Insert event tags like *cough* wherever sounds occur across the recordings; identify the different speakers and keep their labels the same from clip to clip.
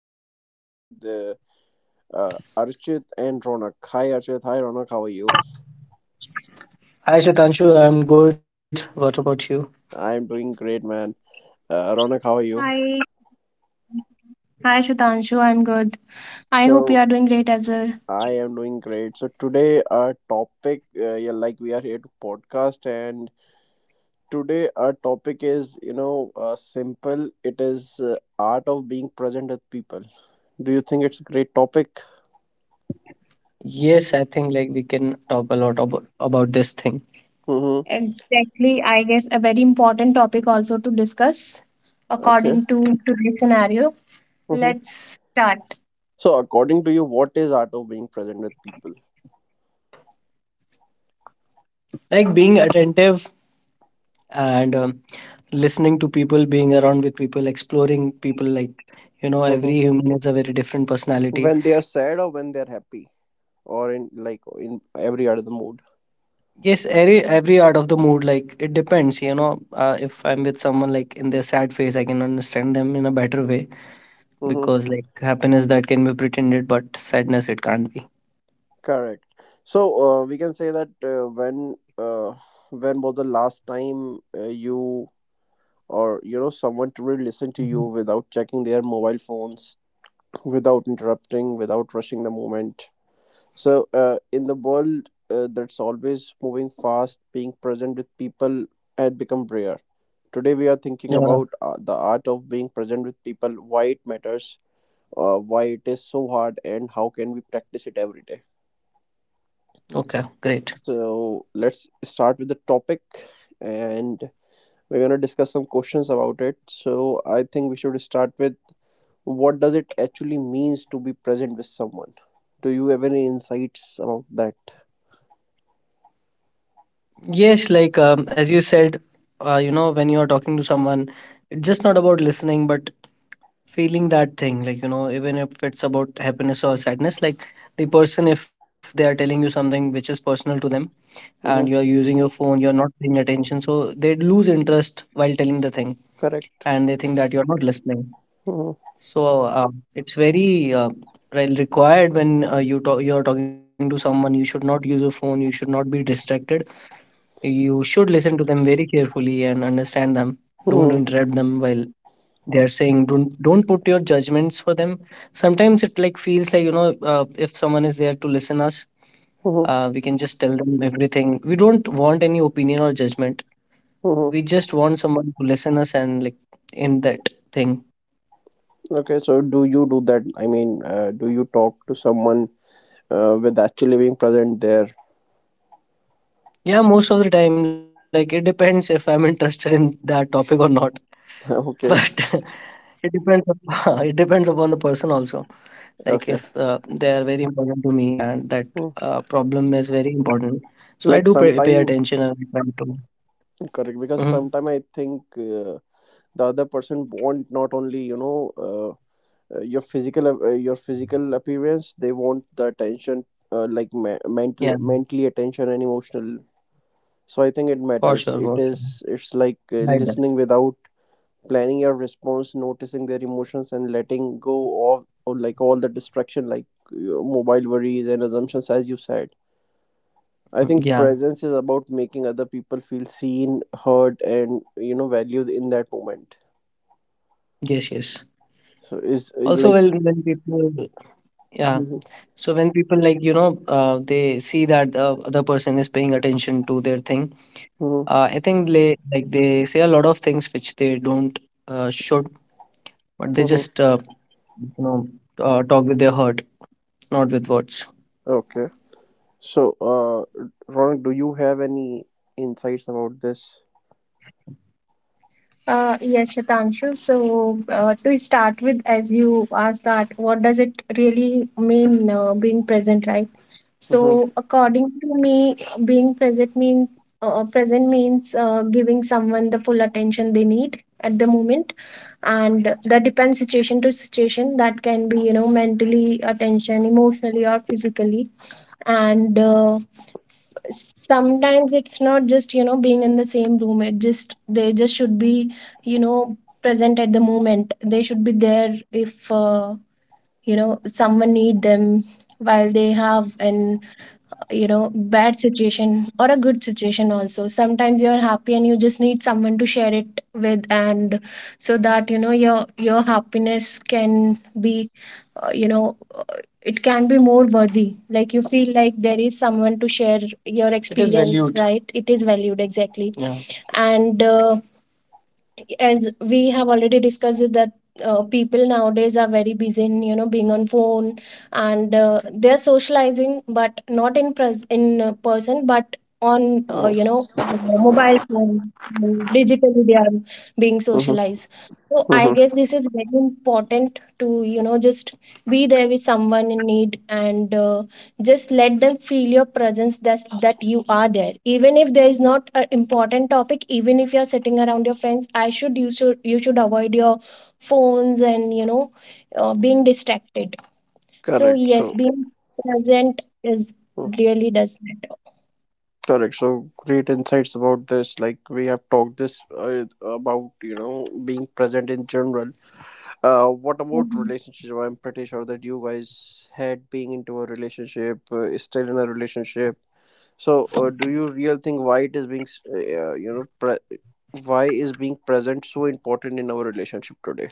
Speaker 1: podcast with Archit and Ronak. Hi, Archit. Hi, Ronak. How are you?
Speaker 2: Hi Shatanshu, I'm good. What about you?
Speaker 1: I am doing great, man. Ronak, how are
Speaker 2: Hi.
Speaker 1: you?
Speaker 2: Hi, Shatanshu. I'm good. I hope you are doing great as
Speaker 1: So,
Speaker 2: well.
Speaker 1: I am doing great. So, today, our topic, like we are here to podcast, and today, our topic is, simple. It is art of being present with people. Do you think it's a great topic?
Speaker 2: Yes, I think like we can talk a lot about this thing.
Speaker 1: Mm-hmm.
Speaker 2: Exactly. I guess a very important topic also to discuss
Speaker 1: Okay.
Speaker 2: according to today's scenario.
Speaker 1: Mm-hmm.
Speaker 2: Let's start.
Speaker 1: So, according to you, what is art of being present with people?
Speaker 2: Like being attentive and listening to people, being around with people, exploring people, like you know, every
Speaker 1: hmm
Speaker 2: human is a very different personality.
Speaker 1: When they are sad or when they are happy, or in like in every other mood.
Speaker 2: Yes, every art of the mood, like it depends, you know. If I'm with someone like in their sad phase, I can understand them in a better way
Speaker 1: hmm
Speaker 2: because like happiness that can be pretended, but sadness it can't be.
Speaker 1: Correct. So, we can say that when was the last time you or you know someone truly listened to you
Speaker 2: Mhm.
Speaker 1: without checking their mobile phones, without interrupting, without rushing the moment? So, in the world that's always moving fast, being present with people had become rare. Today, we are thinking
Speaker 2: Yeah.
Speaker 1: about the art of being present with people, why it matters, why it is so hard, and how can we practice it every day.
Speaker 2: Okay, great.
Speaker 1: So, let's start with the topic, and we're gonna discuss some questions about it. So, I think we should start with what does it actually means to be present with someone. Do you have any insights about that?
Speaker 2: Yes, like as you said, you know, when you are talking to someone, it's just not about listening, but feeling that thing. Like, you know, even if it's about happiness or sadness, like the person, if they are telling you something which is personal to them and you're
Speaker 1: hmm
Speaker 2: using your phone, you're not paying attention. So they lose interest while telling the thing,
Speaker 1: Correct.
Speaker 2: and they think that you're not listening.
Speaker 1: Mhm.
Speaker 2: So it's very required when you talk, you're talking to someone, you should not use your phone, you should not be distracted. You should listen to them very carefully and understand them. Don't
Speaker 1: hmm
Speaker 2: interrupt them while they are saying, don't put your judgments for them. Sometimes it like feels like, you know, if someone is there to listen us,
Speaker 1: hmm
Speaker 2: we can just tell them everything. We don't want any opinion or judgment,
Speaker 1: hmm
Speaker 2: we just want someone to listen us and like end that thing.
Speaker 1: Okay, so do you do that? I mean, do you talk to someone with actually being present there?
Speaker 2: Yeah, most of the time, like it depends if I'm interested in that topic or not, *laughs* but
Speaker 1: *laughs* okay,
Speaker 2: *laughs* *laughs* it depends upon the person also, like if
Speaker 1: okay.
Speaker 2: they are very important to me and that
Speaker 1: Hmm.
Speaker 2: problem is very important, so I do
Speaker 1: Like
Speaker 2: pay
Speaker 1: sometime,
Speaker 2: attention and I try to.
Speaker 1: correct, because
Speaker 2: Mhm.
Speaker 1: sometime I think the other person want not only, your your physical appearance, they want the attention,
Speaker 2: Yeah,
Speaker 1: mental, mentally attention and emotional. So I think it
Speaker 2: for sure
Speaker 1: matters.
Speaker 2: for sure
Speaker 1: It's like
Speaker 2: like that.
Speaker 1: listening without planning your response, noticing their emotions and letting go of like all the distraction, like mobile worries and assumptions. As you said, I
Speaker 2: Mm,
Speaker 1: think
Speaker 2: yeah.
Speaker 1: presence is about making other people feel seen, heard and, you know, valued in that moment.
Speaker 2: Yes, yes,
Speaker 1: So is
Speaker 2: also
Speaker 1: like
Speaker 2: when people. Yeah.
Speaker 1: Mhm,
Speaker 2: So when people, like, you know, they see that the other person is paying attention to their thing,
Speaker 1: mhm,
Speaker 2: I think they like they say a lot of things which they don't should, but they just
Speaker 1: mhm.
Speaker 2: you know, talk with their heart, not with words.
Speaker 1: okay, so uh Ronak, do you have any insights about this?
Speaker 2: Yes, Shatanshu. So, to start with, as you asked, that, what does it really mean being present, right?
Speaker 1: mm-hmm,
Speaker 2: So, according to me, being present means giving someone the full attention they need at the moment, and that depends situation to situation. That can be, you know, mentally attention, emotionally or physically, and sometimes it's not just, you know, being in the same room, it just they just should be, you know, present at the moment. They should be there if you know, someone need them while they have an, you know, bad situation or a good situation. Also sometimes you're happy and you just need someone to share it with, and so that, you know, your happiness can be you know, it can be more worthy. Like you feel like there is someone to share your. It is experience valued, right? It is valued exactly. Yeah. And as we have already discussed that people nowadays are very busy in, you know, being on phone, and they're socializing, but not in in person, but on,
Speaker 1: mm-hmm,
Speaker 2: you know, mobile phone. Digitally they are being socialized. So I
Speaker 1: mm-hmm.
Speaker 2: guess this is very important to, you know, just be there with someone in need and just let them feel your presence. That you are there, even if there is not an important topic, even if you're sitting around your friends, I should you should, you should avoid your phones and, you know, being distracted. So
Speaker 1: correct
Speaker 2: yes,
Speaker 1: so
Speaker 2: being present is really does matter.
Speaker 1: Correct. So great insights about this. Like we have talked this about, you know, being present in general. What about
Speaker 2: Mhm.
Speaker 1: relationship? I'm pretty sure that you guys had being into a relationship, still in a relationship. So do you real think why it is you know, why is being present so important in our relationship today?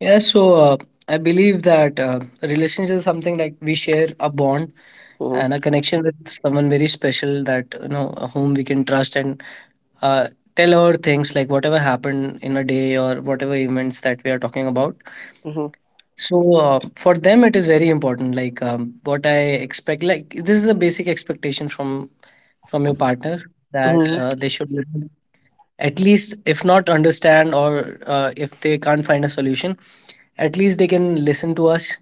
Speaker 2: Yeah, so I believe that relationship is something like we share a bond and a
Speaker 1: Mm-hmm.
Speaker 2: connection with someone very special, that you know whom we can trust and uh, tell our things, like whatever happened in a day or whatever events that we are talking about.
Speaker 1: Mm-hmm.
Speaker 2: So for them it is very important, like what I expect, like this is a basic expectation from your partner, that
Speaker 1: Mm-hmm.
Speaker 2: they should, at least if not understand, or if they can't find a solution, at least they can listen to us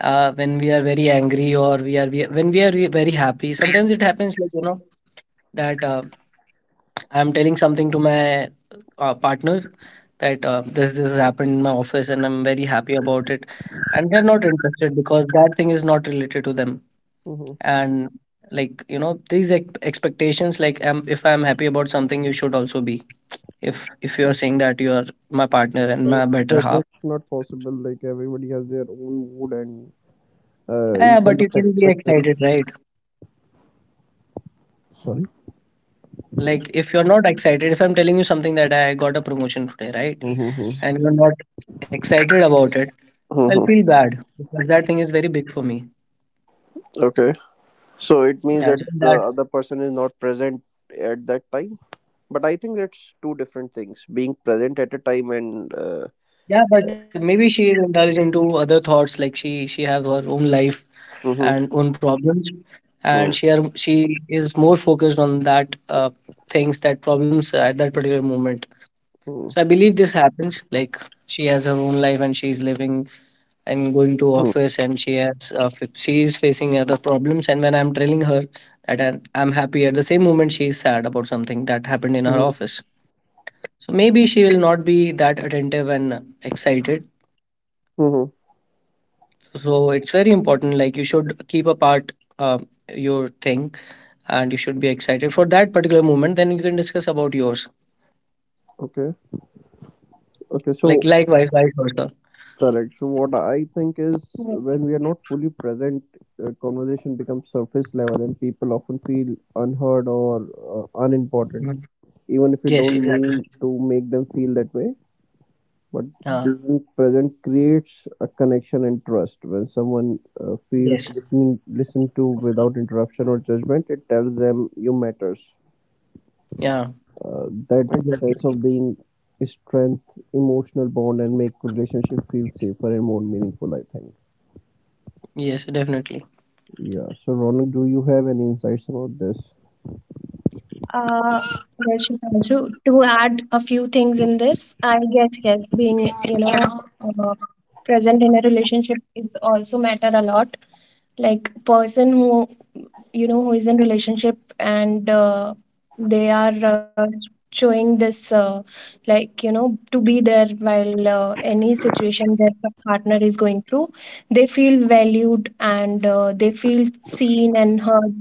Speaker 2: when we are very angry or when we are very happy. Sometimes it happens like, you know, that I'm telling something to my partner that this has happened in my office and I'm very happy about it, and they're not interested because that thing is not related to them.
Speaker 1: Mm-hmm.
Speaker 2: And like, you know, these expectations, like if I'm happy about something, you should also be. If you're saying that you are my partner and
Speaker 1: Uh,
Speaker 2: my better
Speaker 1: that,
Speaker 2: half,
Speaker 1: that's not possible. Like everybody has their own mood, and you
Speaker 2: yeah, but
Speaker 1: cannot
Speaker 2: you can be
Speaker 1: expect them.
Speaker 2: excited, right? Like if you're not excited, if I'm telling you something that I got a promotion today, right,
Speaker 1: Sorry.
Speaker 2: and you're not excited about it, I'll
Speaker 1: hmm
Speaker 2: feel bad, but that thing is very big for me.
Speaker 1: Okay. So it means that
Speaker 2: Yeah, so
Speaker 1: the
Speaker 2: that.
Speaker 1: other person is not present at that time. But I think that's two different things, being present at a time and.
Speaker 2: Yeah, but maybe she indulges into other thoughts, like she have her own life
Speaker 1: Hmm
Speaker 2: and own problems, and
Speaker 1: hmm
Speaker 2: she is more focused on that things that problems at that particular moment. So I believe this happens. Like she has her own life and she's living and going to office and she has she is facing other problems. And when I'm telling her that I'm happy, at the same moment she is sad about something that happened in her
Speaker 1: hmm
Speaker 2: office. So maybe she will not be that attentive and excited.
Speaker 1: hmm
Speaker 2: So it's very important, like you should keep apart uh, your thing, and you should be excited for that particular moment, then you can discuss about yours,
Speaker 1: Okay. Okay.
Speaker 2: like
Speaker 1: So,
Speaker 2: likewise, vice versa.
Speaker 1: correct. So, what I think is,
Speaker 2: Yeah.
Speaker 1: when we are not fully present, conversation becomes surface level and people often feel unheard or unimportant,
Speaker 2: Mhm.
Speaker 1: even if you
Speaker 2: Yes,
Speaker 1: don't mean
Speaker 2: exactly.
Speaker 1: to make them feel that way. But
Speaker 2: Yeah.
Speaker 1: being present creates a connection and trust. When someone
Speaker 2: Yes.
Speaker 1: listened to without interruption or judgment, it tells them you matters.
Speaker 2: Yeah.
Speaker 1: That
Speaker 2: Exactly.
Speaker 1: sense of being, strength emotional bond and make relationship feel safer and more meaningful, I think.
Speaker 2: Yes, definitely.
Speaker 1: Yeah, so Ronald, do you have any insights about this?
Speaker 2: Uh, yes, Shubhranshu, to add a few things in this, I guess, yes, being, you know, uh, present in a relationship is also matter a lot. Like person who, you know, who is in relationship and they are showing this, like you know, to be there while any situation their partner is going through, they feel valued and they feel seen and heard.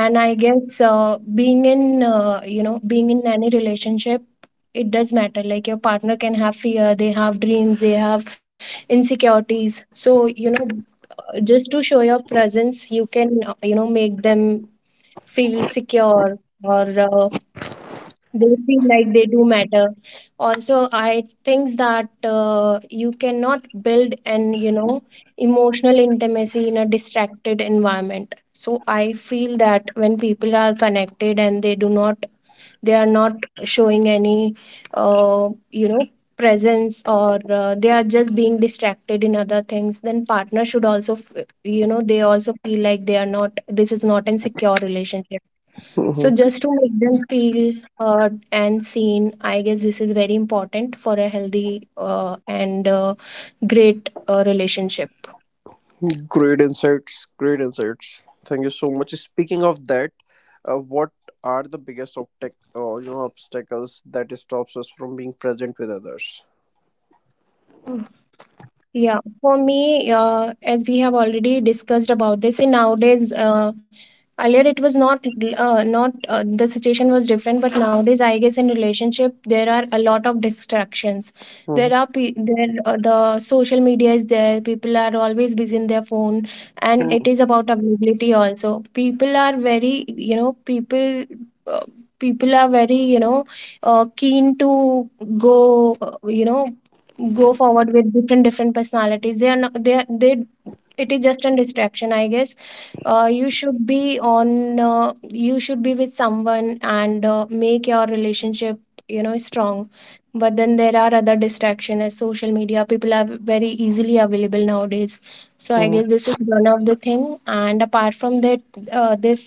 Speaker 2: And I guess being in any relationship, it does matter. Like your partner can have fear, they have dreams, they have insecurities, so you know, just to show your presence you can, you know, make them feel secure, or they feel like they do matter. Also I think that you cannot build an, you know, emotional intimacy in a distracted environment. So I feel that when people are connected and they do not, they are not showing any you know, presence, or they are just being distracted in other things, then partner should also you know, they also feel like they are not, this is not a secure relationship. So
Speaker 1: *laughs*
Speaker 2: just to make them feel heard and seen, I guess this is very important for a healthy and great relationship.
Speaker 1: Great insights, great insights. Thank you so much. Speaking of that, what are the you know, obstacles that stops us from being present with others?
Speaker 2: Yeah, for me, as we have already discussed about this, in nowadays, earlier it was not, the situation was different, but nowadays, I guess in relationship there are a lot of distractions.
Speaker 1: Mhm,
Speaker 2: There are the social media is there. People are always busy in their phone, and
Speaker 1: mhm,
Speaker 2: it is about availability also. People are very, you know, people. Uh, People are very keen to go go forward with different different personalities. They are not, they are- they it is just a distraction, I guess. uh, you should be on uh, you should be with someone, and make your relationship, strong. But then there are other distractions, as social media, people are very easily available nowadays. So I
Speaker 1: mhm,
Speaker 2: guess this is one of the thing, and apart from that, this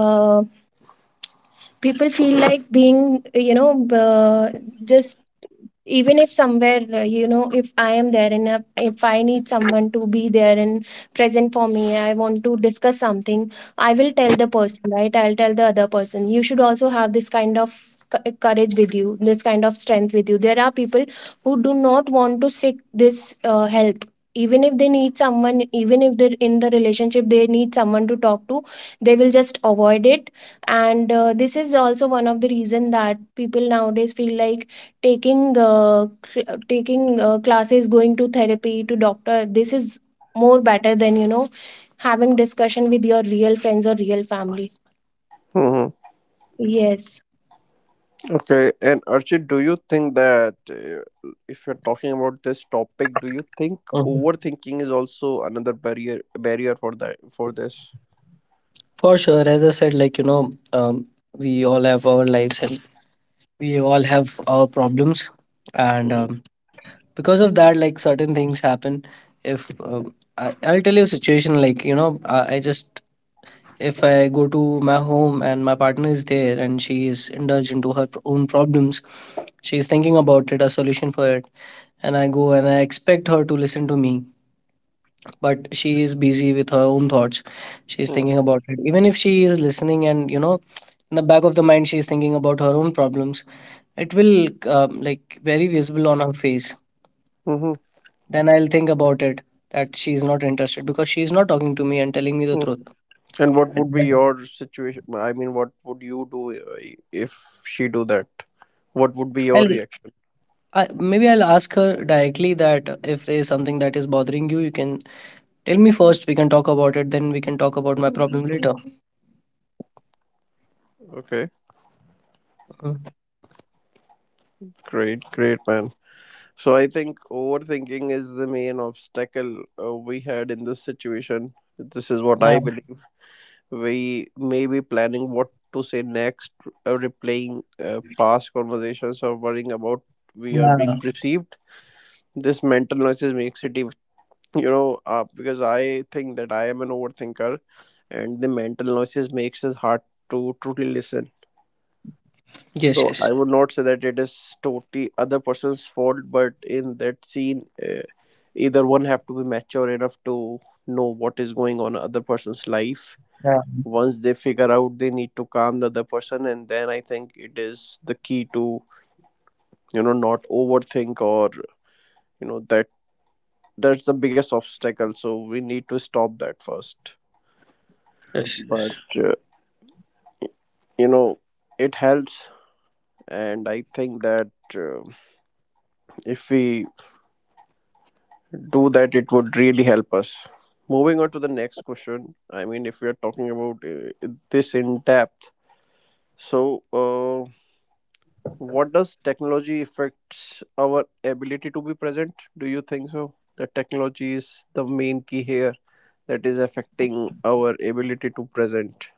Speaker 2: uh, people feel like being, you know uh, just even if somewhere, if I am there and if I need someone to be there and present for me, I want to discuss something. I will tell the person, right, I'll tell the other person, you should also have this kind of courage with you, this kind of strength with you. There are people who do not want to seek this help. Even if they need someone, even if they're in the relationship, they need someone to talk to, they will just avoid it. And this is also one of the reason that people nowadays feel like taking classes, going to therapy to doctor. This is more better than, having discussion with your real friends or real family.
Speaker 1: mhm.
Speaker 2: Yes.
Speaker 1: Okay, and Archit, do you think that if you're talking about this topic, do you think
Speaker 2: Mhm.
Speaker 1: overthinking is also another barrier for that for this?
Speaker 2: For sure. As I said, like, we all have our lives and we all have our problems. And because of that, like certain things happen. If I'll tell you a situation, like, you know, I just if I go to my home and my partner is there and she is indulged into her own problems. She is thinking about it, a solution for it, and I go and I expect her to listen to me, but she is busy with her own thoughts. She is
Speaker 1: Mm,
Speaker 2: thinking about it. Even if she is listening, and, in the back of the mind, she is thinking about her own problems, it will, like, very visible on her face.
Speaker 1: Mm-hmm.
Speaker 2: Then I'll think about it that she is not interested because she is not talking to me and telling me the
Speaker 1: Mm.
Speaker 2: truth.
Speaker 1: And what would be your situation? I mean, what would you do if she do that? What would be your
Speaker 2: I'll
Speaker 1: reaction?
Speaker 2: maybe I'll ask her directly that, if there is something that is bothering you, you can tell me first. We can talk about it, then we can talk about my problem later.
Speaker 1: Okay,
Speaker 2: Mm.
Speaker 1: great, great, man. So I think overthinking is the main obstacle we had in this situation. This is what
Speaker 2: Yeah,
Speaker 1: I believe. We may be planning what to say next, replaying past conversations, or worrying about we
Speaker 2: yeah.
Speaker 1: are being perceived. This mental noises makes it even, you know, because I think that I am an overthinker, and the mental noises makes it hard to truly listen.
Speaker 2: Yes, yes.
Speaker 1: So I would not say that it is totally other person's fault, but in that scene, either one have to be mature enough to know what is going on in other person's life.
Speaker 2: Yeah.
Speaker 1: Once they figure out, they need to calm the other person, and then I think it is the key to, you know, not overthink, or you know that, that's the biggest obstacle, so we need to stop that first.
Speaker 2: Yes, yes.
Speaker 1: But you know, it helps, and I think that uh, if we do that, it would really help us. Moving on to the next question, I mean, if we are talking about this in depth, so what does technology affects our ability to be present? Do you think so? That technology is the main key here that is affecting our ability to present.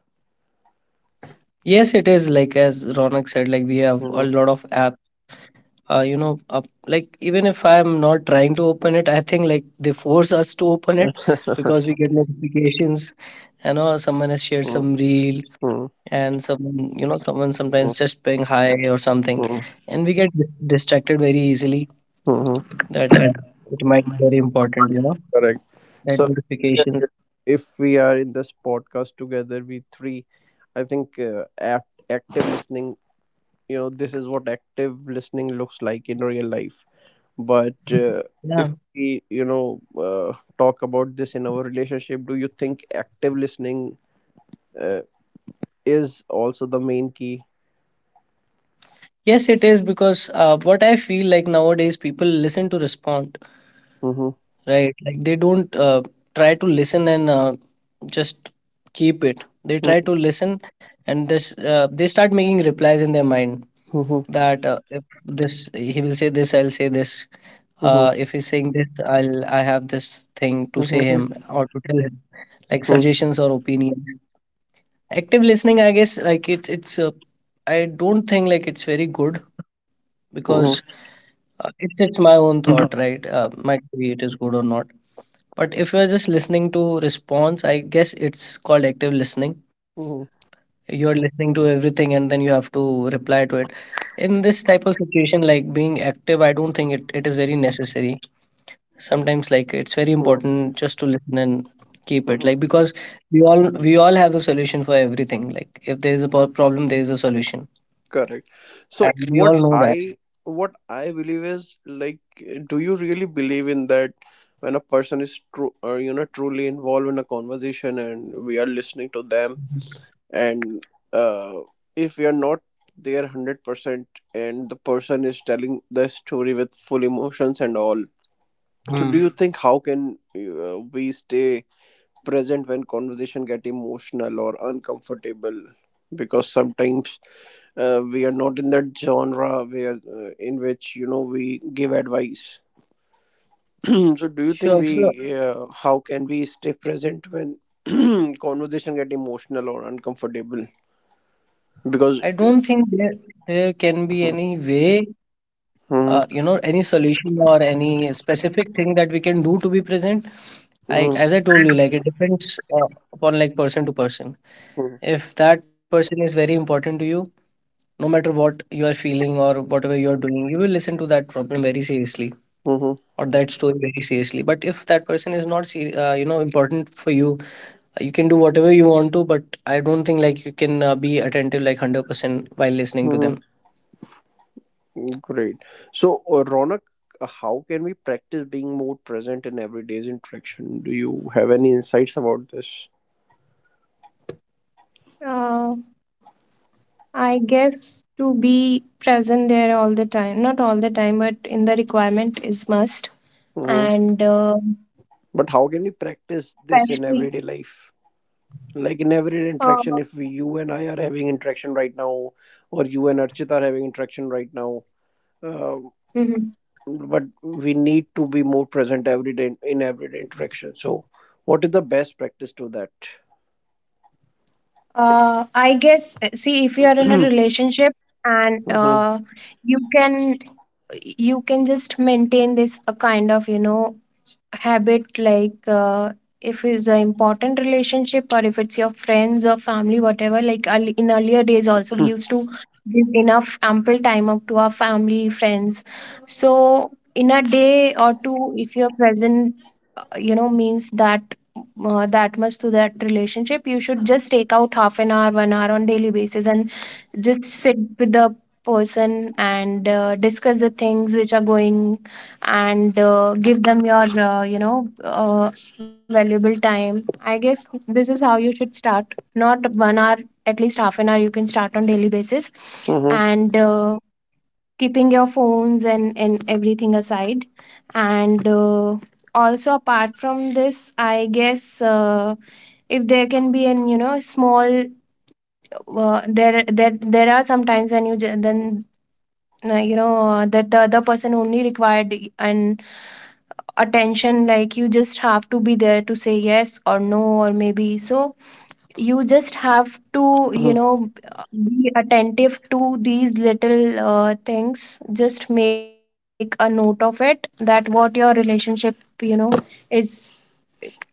Speaker 2: Yes, it is like as Ronak said, like we have a
Speaker 1: Mhm.
Speaker 2: lot of app. Like, even if I'm not trying to open it, I think, like, they force us to open it because
Speaker 1: *laughs*
Speaker 2: we get notifications. You know, someone has shared
Speaker 1: Hmm.
Speaker 2: some reel,
Speaker 1: Hmm.
Speaker 2: and someone you know someone
Speaker 1: mm,
Speaker 2: sometimes just paying high or something,
Speaker 1: mm,
Speaker 2: and we get distracted very easily.
Speaker 1: mhm.
Speaker 2: That,
Speaker 1: that
Speaker 2: it might be very important,
Speaker 1: Correct.
Speaker 2: that
Speaker 1: So,
Speaker 2: notifications.
Speaker 1: if we are in this podcast together, we three, I think active listening, you know, this is what active listening looks like in real life. But if
Speaker 2: Yeah.
Speaker 1: we, you know, talk about this in our relationship, do you think active listening uh, is also the main key?
Speaker 2: Yes, it is, because what I feel, like, nowadays, people listen to respond,
Speaker 1: Mm-hmm.
Speaker 2: right, like they don't, try to listen, and, just keep it. They try to listen, and this they start making replies in their mind, that, if this, he will say this, I'll say this. If he's saying this, I have this thing to say him or to tell him, like suggestions or opinion. Active listening, I guess, like it's I don't think like it's very good, because it's my own thought, right? Might be it is good or not. But if you're just listening to response, I guess it's called active listening. You're listening to everything, and then you have to reply to it. In this type of situation, like being active, I don't think it is very necessary. Sometimes, like, it's very important just to listen and keep it, like, because we all have a solution for everything, like if there is a problem, there is a solution,
Speaker 1: Correct.
Speaker 2: and
Speaker 1: So
Speaker 2: we
Speaker 1: what
Speaker 2: all know that.
Speaker 1: I what I believe is like, do you really believe in that? When a person is you know, truly involved in a conversation, and we are listening to them, and uh, if we are not there 100% and the person is telling the story with full emotions and all, so do
Speaker 2: Hmm.
Speaker 1: you think, how can we stay present when conversation get emotional or uncomfortable? Because sometimes we are not in that genre where in which, you know, we give advice. *clears throat* So do you think
Speaker 2: Sure.
Speaker 1: we
Speaker 2: So
Speaker 1: how can we stay present when *clears throat* conversation get emotional or uncomfortable, because
Speaker 2: I
Speaker 1: *laughs*
Speaker 2: don't think there can be any way,
Speaker 1: Mhm.
Speaker 2: any solution or any specific thing that we can do to be present. I,
Speaker 1: Mm-hmm.
Speaker 2: as I told you, like it depends, upon, like, person to person. If that person is very important to you, no matter what you are feeling or whatever you are doing, you will listen to that problem very seriously,
Speaker 1: Mm-hmm.
Speaker 2: or that story very seriously. But if that person is not important for you, you can do whatever you want to, but I don't think, like, you can, be attentive, like 100% while listening to
Speaker 1: Mm-hmm. Great. So, Ronak, how can we practice being more present in everyday's interaction? Do you have any insights about this?
Speaker 2: them. I guess to be present there all the time, not all the time, but in the requirement is must.
Speaker 1: Mm-hmm.
Speaker 2: And,
Speaker 1: But how can we practice this in
Speaker 2: especially,
Speaker 1: everyday life? Like in everyday
Speaker 2: uh,
Speaker 1: interaction, if we, you and I are having interaction right now, or you and Archita are having interaction right now, um,
Speaker 2: mhm.
Speaker 1: but we need to be more present every day in everyday interaction. So, what is the best practice to that?
Speaker 2: I guess, see, if you are in a
Speaker 1: *clears throat*
Speaker 2: relationship, and
Speaker 1: mm-hmm.
Speaker 2: you can you can just maintain this a kind of, habit, like, if it's an important relationship or if it's your friends or family, whatever, like, in earlier days also, we used to give enough ample time up to our family friends. So in a day or two, if you're present, means that, that much to that relationship, you should just take out half an hour, 1 hour on daily basis, and just sit with the person, and discuss the things which are going, and give them your, valuable time. I guess this is how you should start. Not 1 hour, at least half an hour, you can start on daily basis.
Speaker 1: Mm-hmm.
Speaker 2: And keeping your phones and everything aside. And also, apart from this, I guess, if there can be an, small, there are sometimes when you then, that the other person only required an attention, like you just have to be there to say yes or no or maybe. So you just have to, be attentive to these little, things, just make a note of it, that what your relationship, you know is,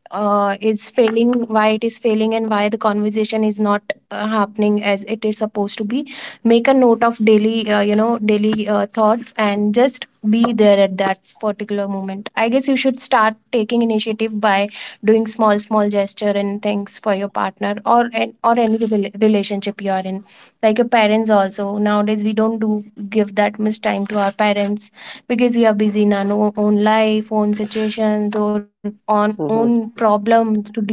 Speaker 2: is failing, why it is failing, and why the conversation is not, happening as it is supposed to be. Make a note of daily, daily, thoughts, and just be there at that particular moment. I guess you should start taking initiative by doing small small gesture and things for your partner, or any relationship you are in, like your parents also. Nowadays we don't do, give that much time to our parents, because we are busy in our own life, own situations or on own
Speaker 1: hmm
Speaker 2: problems to deal with.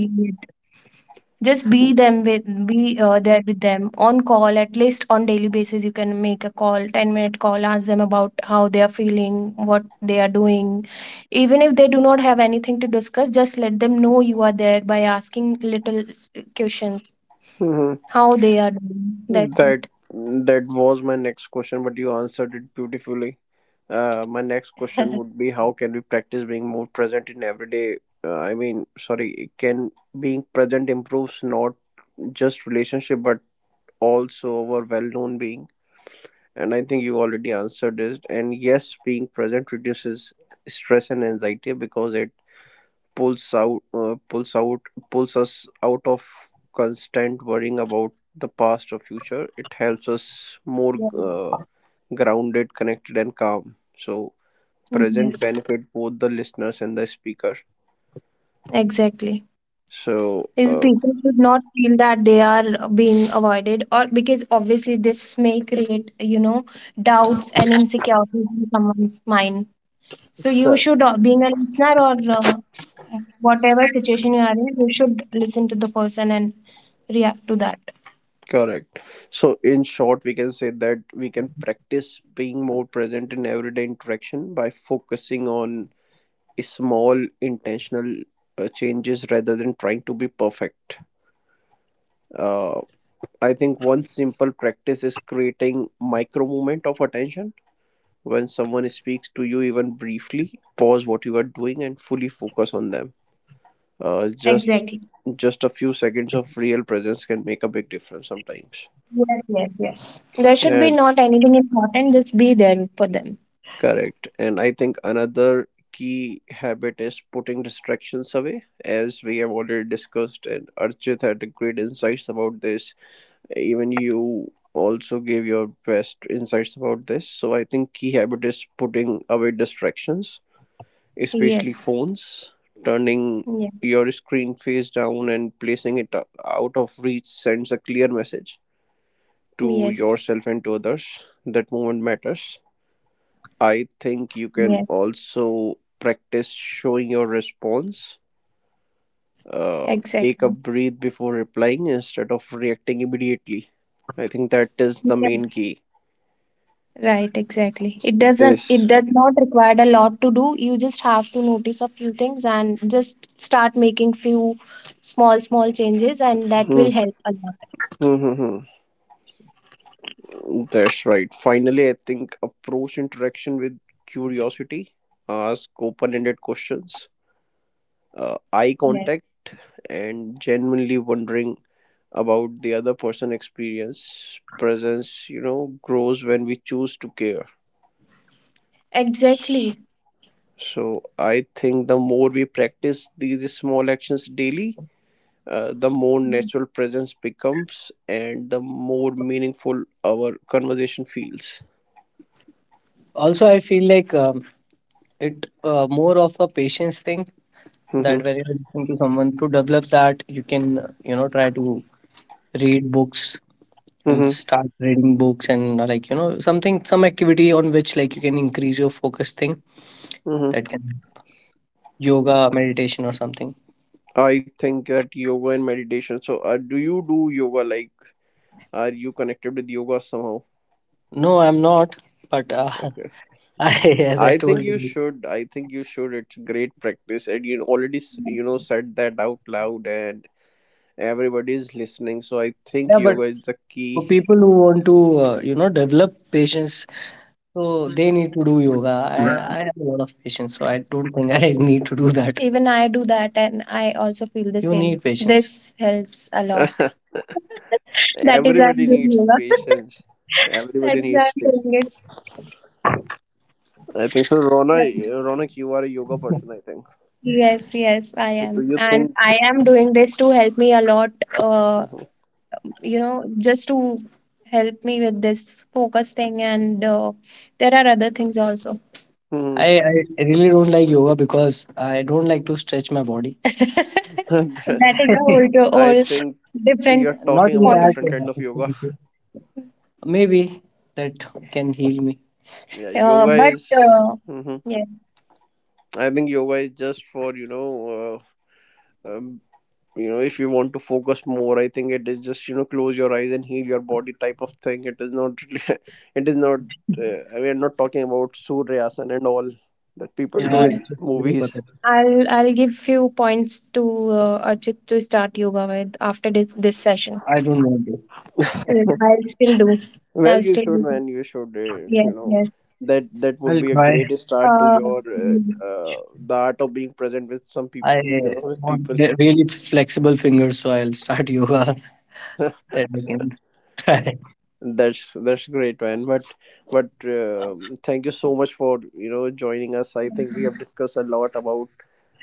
Speaker 2: Just be there with them on call at least on daily basis. You can make a call, 10-minute call, ask them about how they are feeling, what they are doing. Even if they do not have anything to discuss, just let them know you are there by asking little questions,
Speaker 1: hmm
Speaker 2: how they are doing. That's
Speaker 1: That,
Speaker 2: it.
Speaker 1: that was my next question, but you answered it beautifully. My next question would be, how can we practice being more present in everyday? I mean, sorry, can being present improves not just relationship, but also our well-known being? And I think you already answered this. And yes, being present reduces stress and anxiety because it pulls out uh, pulls out pulls us out of constant worrying about the past or future. It helps us more
Speaker 2: Yeah.
Speaker 1: uh, grounded, connected and calm. So present
Speaker 2: Yes,
Speaker 1: benefit both the listeners and the speaker.
Speaker 2: exactly.
Speaker 1: So
Speaker 2: These people should not feel that they are being avoided, or, because obviously this may create, doubts and insecurities in someone's mind. So you should, being a listener, or, whatever situation you are in, you should listen to the person and react to that.
Speaker 1: correct so in short, we can say that we can practice being more present in everyday interaction by focusing on small, intentional changes rather than trying to be perfect. Uh, I think one simple practice is creating micro movement of attention. When someone speaks to you, even briefly, pause what you are doing and fully focus on them. Uh, just
Speaker 2: Exactly.
Speaker 1: just a few seconds of real presence can make a big difference sometimes.
Speaker 2: Yes, yes, yes. There should be
Speaker 1: And
Speaker 2: not anything important. Just be there for them.
Speaker 1: correct. And I think another key habit is putting distractions away, as we have already discussed, and Archit had great insights about this. Even you also gave your best insights about this, so I think key habit is putting away distractions, especially
Speaker 2: Yes.
Speaker 1: phones, turning
Speaker 2: Yeah.
Speaker 1: your screen face down and placing it out of reach sends a clear message to
Speaker 2: Yes.
Speaker 1: yourself and to others that moment matters. I think you can
Speaker 2: Yes.
Speaker 1: also practice showing your response. uh, Take a
Speaker 2: Exactly.
Speaker 1: breath before replying instead of reacting immediately. I think that is the main
Speaker 2: Yes.
Speaker 1: key.
Speaker 2: Right. Exactly. It doesn't. It
Speaker 1: This.
Speaker 2: does not require a lot to do. You just have to notice a few things and just start making few small, small changes, and that
Speaker 1: Hmm,
Speaker 2: will help a lot.
Speaker 1: hmm, hmm, hmm. That's right. Finally, I think approach interaction with curiosity, ask open ended questions, eye
Speaker 2: Yes.
Speaker 1: contact, and genuinely wondering about the other person experience. Presence, you know, grows when we choose to care. S-
Speaker 2: Exactly.
Speaker 1: So I think the more we practice these small actions daily, the more natural presence becomes and the more meaningful our conversation feels.
Speaker 2: Also, I feel like, it, more of a patience thing,
Speaker 1: hmm
Speaker 2: that when you're listening to someone, to develop that, you can, try to read books, and
Speaker 1: hmm
Speaker 2: start reading books, and like, something, some activity on which, like, you can increase your focus thing,
Speaker 1: hmm
Speaker 2: that can, yoga, meditation or something.
Speaker 1: I think that yoga and meditation. So, do you do yoga? Like, are you connected with yoga somehow?
Speaker 2: No, I'm not, but
Speaker 1: Okay.
Speaker 2: *laughs* I, as I
Speaker 1: I
Speaker 2: told
Speaker 1: think you
Speaker 2: you.
Speaker 1: should. I think you should. It's great practice, and you already you know said that out loud, and everybody is listening. So I think
Speaker 2: Yeah, but
Speaker 1: yoga is the
Speaker 2: for
Speaker 1: key.
Speaker 2: people who want to, develop patience, so they need to do yoga. I,
Speaker 1: Right.
Speaker 2: I have a lot of patience, so I don't think I *laughs* need to do that. Even I do that, and I also feel the You same. Need patience. This helps a lot.
Speaker 1: *laughs*
Speaker 2: *laughs* That is why I'm
Speaker 1: Everybody
Speaker 2: doing
Speaker 1: needs
Speaker 2: yoga.
Speaker 1: patience.
Speaker 2: *laughs* That
Speaker 1: Everybody
Speaker 2: is why
Speaker 1: needs
Speaker 2: I'm
Speaker 1: patience.
Speaker 2: doing
Speaker 1: I think so.
Speaker 2: it.
Speaker 1: Ronak, you are a yoga person, I think.
Speaker 2: Yes, yes, I
Speaker 1: So do
Speaker 2: am.
Speaker 1: you
Speaker 2: And
Speaker 1: think?
Speaker 2: I am doing this to help me a lot, uh,
Speaker 1: Mhm.
Speaker 2: just to help me with this focus thing. And there are other things also.
Speaker 1: Mhm.
Speaker 2: I really don't like yoga, because I don't like to stretch my body.
Speaker 1: *laughs*
Speaker 2: That is a *laughs* whole,
Speaker 1: I
Speaker 2: whole
Speaker 1: think
Speaker 2: different.
Speaker 1: you're
Speaker 2: Not
Speaker 1: talking
Speaker 2: in
Speaker 1: about
Speaker 2: format,
Speaker 1: different
Speaker 2: that
Speaker 1: kind of yoga.
Speaker 2: activity. Maybe that can heal me.
Speaker 1: Yeah, yoga
Speaker 2: But,
Speaker 1: is. hmm
Speaker 2: yeah.
Speaker 1: I think yoga is just for, uh, um, you know, if you want to focus more. I think it is just, you know, close your eyes and heal your body type of thing. It is not. Really, *laughs* it is not. We are not talking about suryasana and all that people do
Speaker 2: Yeah,
Speaker 1: in
Speaker 2: it's just very
Speaker 1: movies.
Speaker 2: pathetic. I'll give few points to, Archit, to start yoga with after this session. I don't want to. I'll still do.
Speaker 1: Well,
Speaker 2: I'll
Speaker 1: you
Speaker 2: still
Speaker 1: should,
Speaker 2: do.
Speaker 1: man. You should.
Speaker 2: Yes,
Speaker 1: You know
Speaker 2: yes.
Speaker 1: that that would
Speaker 2: I'll
Speaker 1: be a
Speaker 2: try.
Speaker 1: great start to
Speaker 2: Uh,
Speaker 1: your uh, the art of being present with some
Speaker 2: I
Speaker 1: people. You know, with
Speaker 2: want
Speaker 1: people.
Speaker 2: really flexible fingers, so I'll start yoga *laughs*
Speaker 1: *laughs*
Speaker 2: that I can
Speaker 1: That's great, man. But thank you so much for, you know, joining us. I think we have discussed a lot about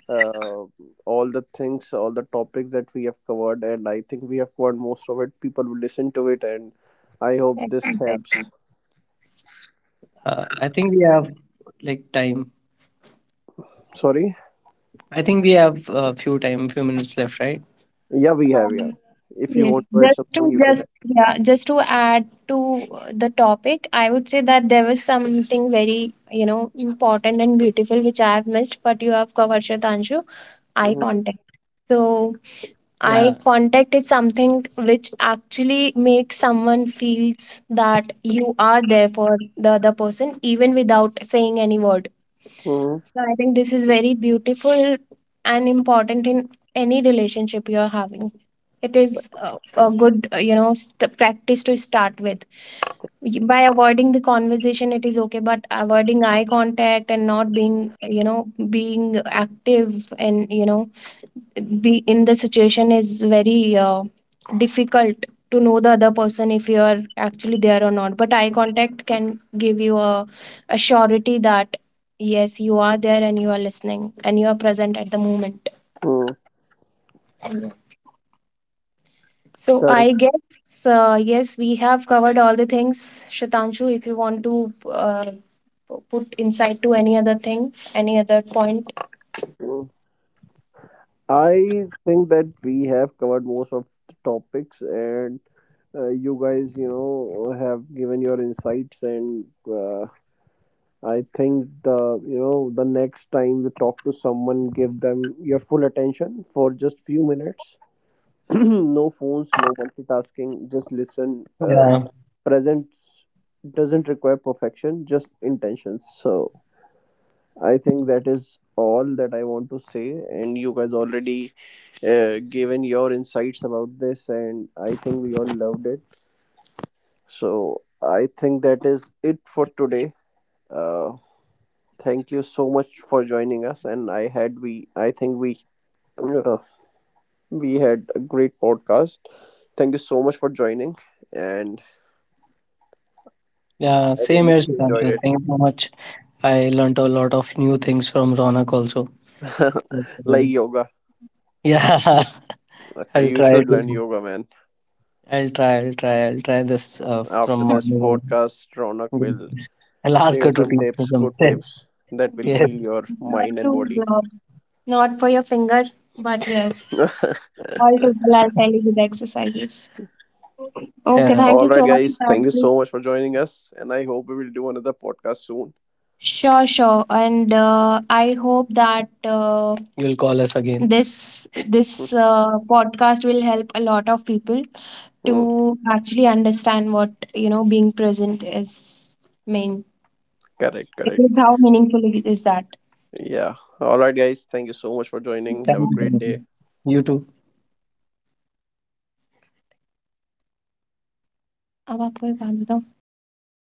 Speaker 1: uh, all the things, all the topics that we have covered, and I think we have covered most of it. People will listen to it, and I hope this
Speaker 2: try.
Speaker 1: helps.
Speaker 2: I think we have, like, time.
Speaker 1: Sorry.
Speaker 2: I think we have a, few time, few minutes left, right?
Speaker 1: Yeah, we have. Yeah.
Speaker 2: Um,
Speaker 1: If you
Speaker 2: Yes,
Speaker 1: want to add something, you can add.
Speaker 2: just to add to, the topic, I would say that there was something very, important and beautiful, which I have missed, but you have covered, Shatanshu, eye
Speaker 1: Mhm.
Speaker 2: contact. So eye, yeah, contact is something which actually makes someone feels that you are there for the other person even without saying any word.
Speaker 1: Mhm.
Speaker 2: So I think this is very beautiful and important in any relationship you're having. It is a good, practice to start with. By avoiding the conversation, it is okay, but avoiding eye contact and not being, being active, and, be in the situation is very, difficult to know the other person, if you are actually there or not. But eye contact can give you a surety that yes, you are there and you are listening and you are present at the moment.
Speaker 1: Hmm,
Speaker 2: So I
Speaker 1: correct.
Speaker 2: guess, yes, we have covered all the things. Shatanshu, if you want to, put insight to any other thing, any other point.
Speaker 1: Hmm. I think that we have covered most of the topics, and you guys, you know, have given your insights, and I think the, you know, the next time you talk to someone, give them your full attention for just few minutes. *clears throat* No phones, no multitasking. Just listen.
Speaker 2: Yeah,
Speaker 1: Present doesn't require perfection, just intentions. So. I think that is all that I want to say, and you guys already given your insights about this, and I think we all loved it. So I think that is it for today. Uh, Thank you so much for joining us, and I had we I think uh, we had a great podcast. Thank you so much for joining, and
Speaker 2: yeah,
Speaker 1: I
Speaker 2: same
Speaker 1: really
Speaker 2: here,
Speaker 1: enjoyed
Speaker 2: Sudhanshu.
Speaker 1: it.
Speaker 2: Thank you so much. I learnt a lot of new things from Ronak also.
Speaker 1: *laughs*
Speaker 2: Okay.
Speaker 1: Like yoga,
Speaker 2: Yeah, *laughs*
Speaker 1: okay,
Speaker 2: I'll
Speaker 1: you
Speaker 2: try
Speaker 1: should learn
Speaker 2: to.
Speaker 1: yoga, man.
Speaker 2: I'll try. I'll try. I'll try this, from
Speaker 1: After this
Speaker 2: morning on.
Speaker 1: podcast, Ronak will
Speaker 2: Yes. I'll ask
Speaker 1: share
Speaker 2: her to
Speaker 1: some
Speaker 2: teach me
Speaker 1: tips, good
Speaker 2: something. *laughs*
Speaker 1: tips that will
Speaker 2: Yes.
Speaker 1: heal your
Speaker 2: Not
Speaker 1: mind and
Speaker 2: too
Speaker 1: body.
Speaker 2: long. Not for your finger, but *laughs* yes.
Speaker 1: *laughs*
Speaker 2: All total, I'll tell you the exercises. Okay. Yeah, thank
Speaker 1: All
Speaker 2: you
Speaker 1: right,
Speaker 2: so much
Speaker 1: guys,
Speaker 2: for
Speaker 1: thank you
Speaker 2: that.
Speaker 1: so much for joining us, and I hope we will do another podcast soon.
Speaker 2: Sure, sure. And, I hope that, You'll call us again. this this
Speaker 1: *laughs*
Speaker 2: uh, podcast will help a lot of people
Speaker 1: Hmm,
Speaker 2: to actually understand what, being present is mean.
Speaker 1: correct,
Speaker 2: It is
Speaker 1: correct.
Speaker 2: how meaningful it is that.
Speaker 1: Yeah. All right, guys, thank you so much for joining.
Speaker 2: Thank
Speaker 1: Have a great
Speaker 2: you.
Speaker 1: day.
Speaker 2: You too. अब आपको एक बात बताओ, काट दिया हो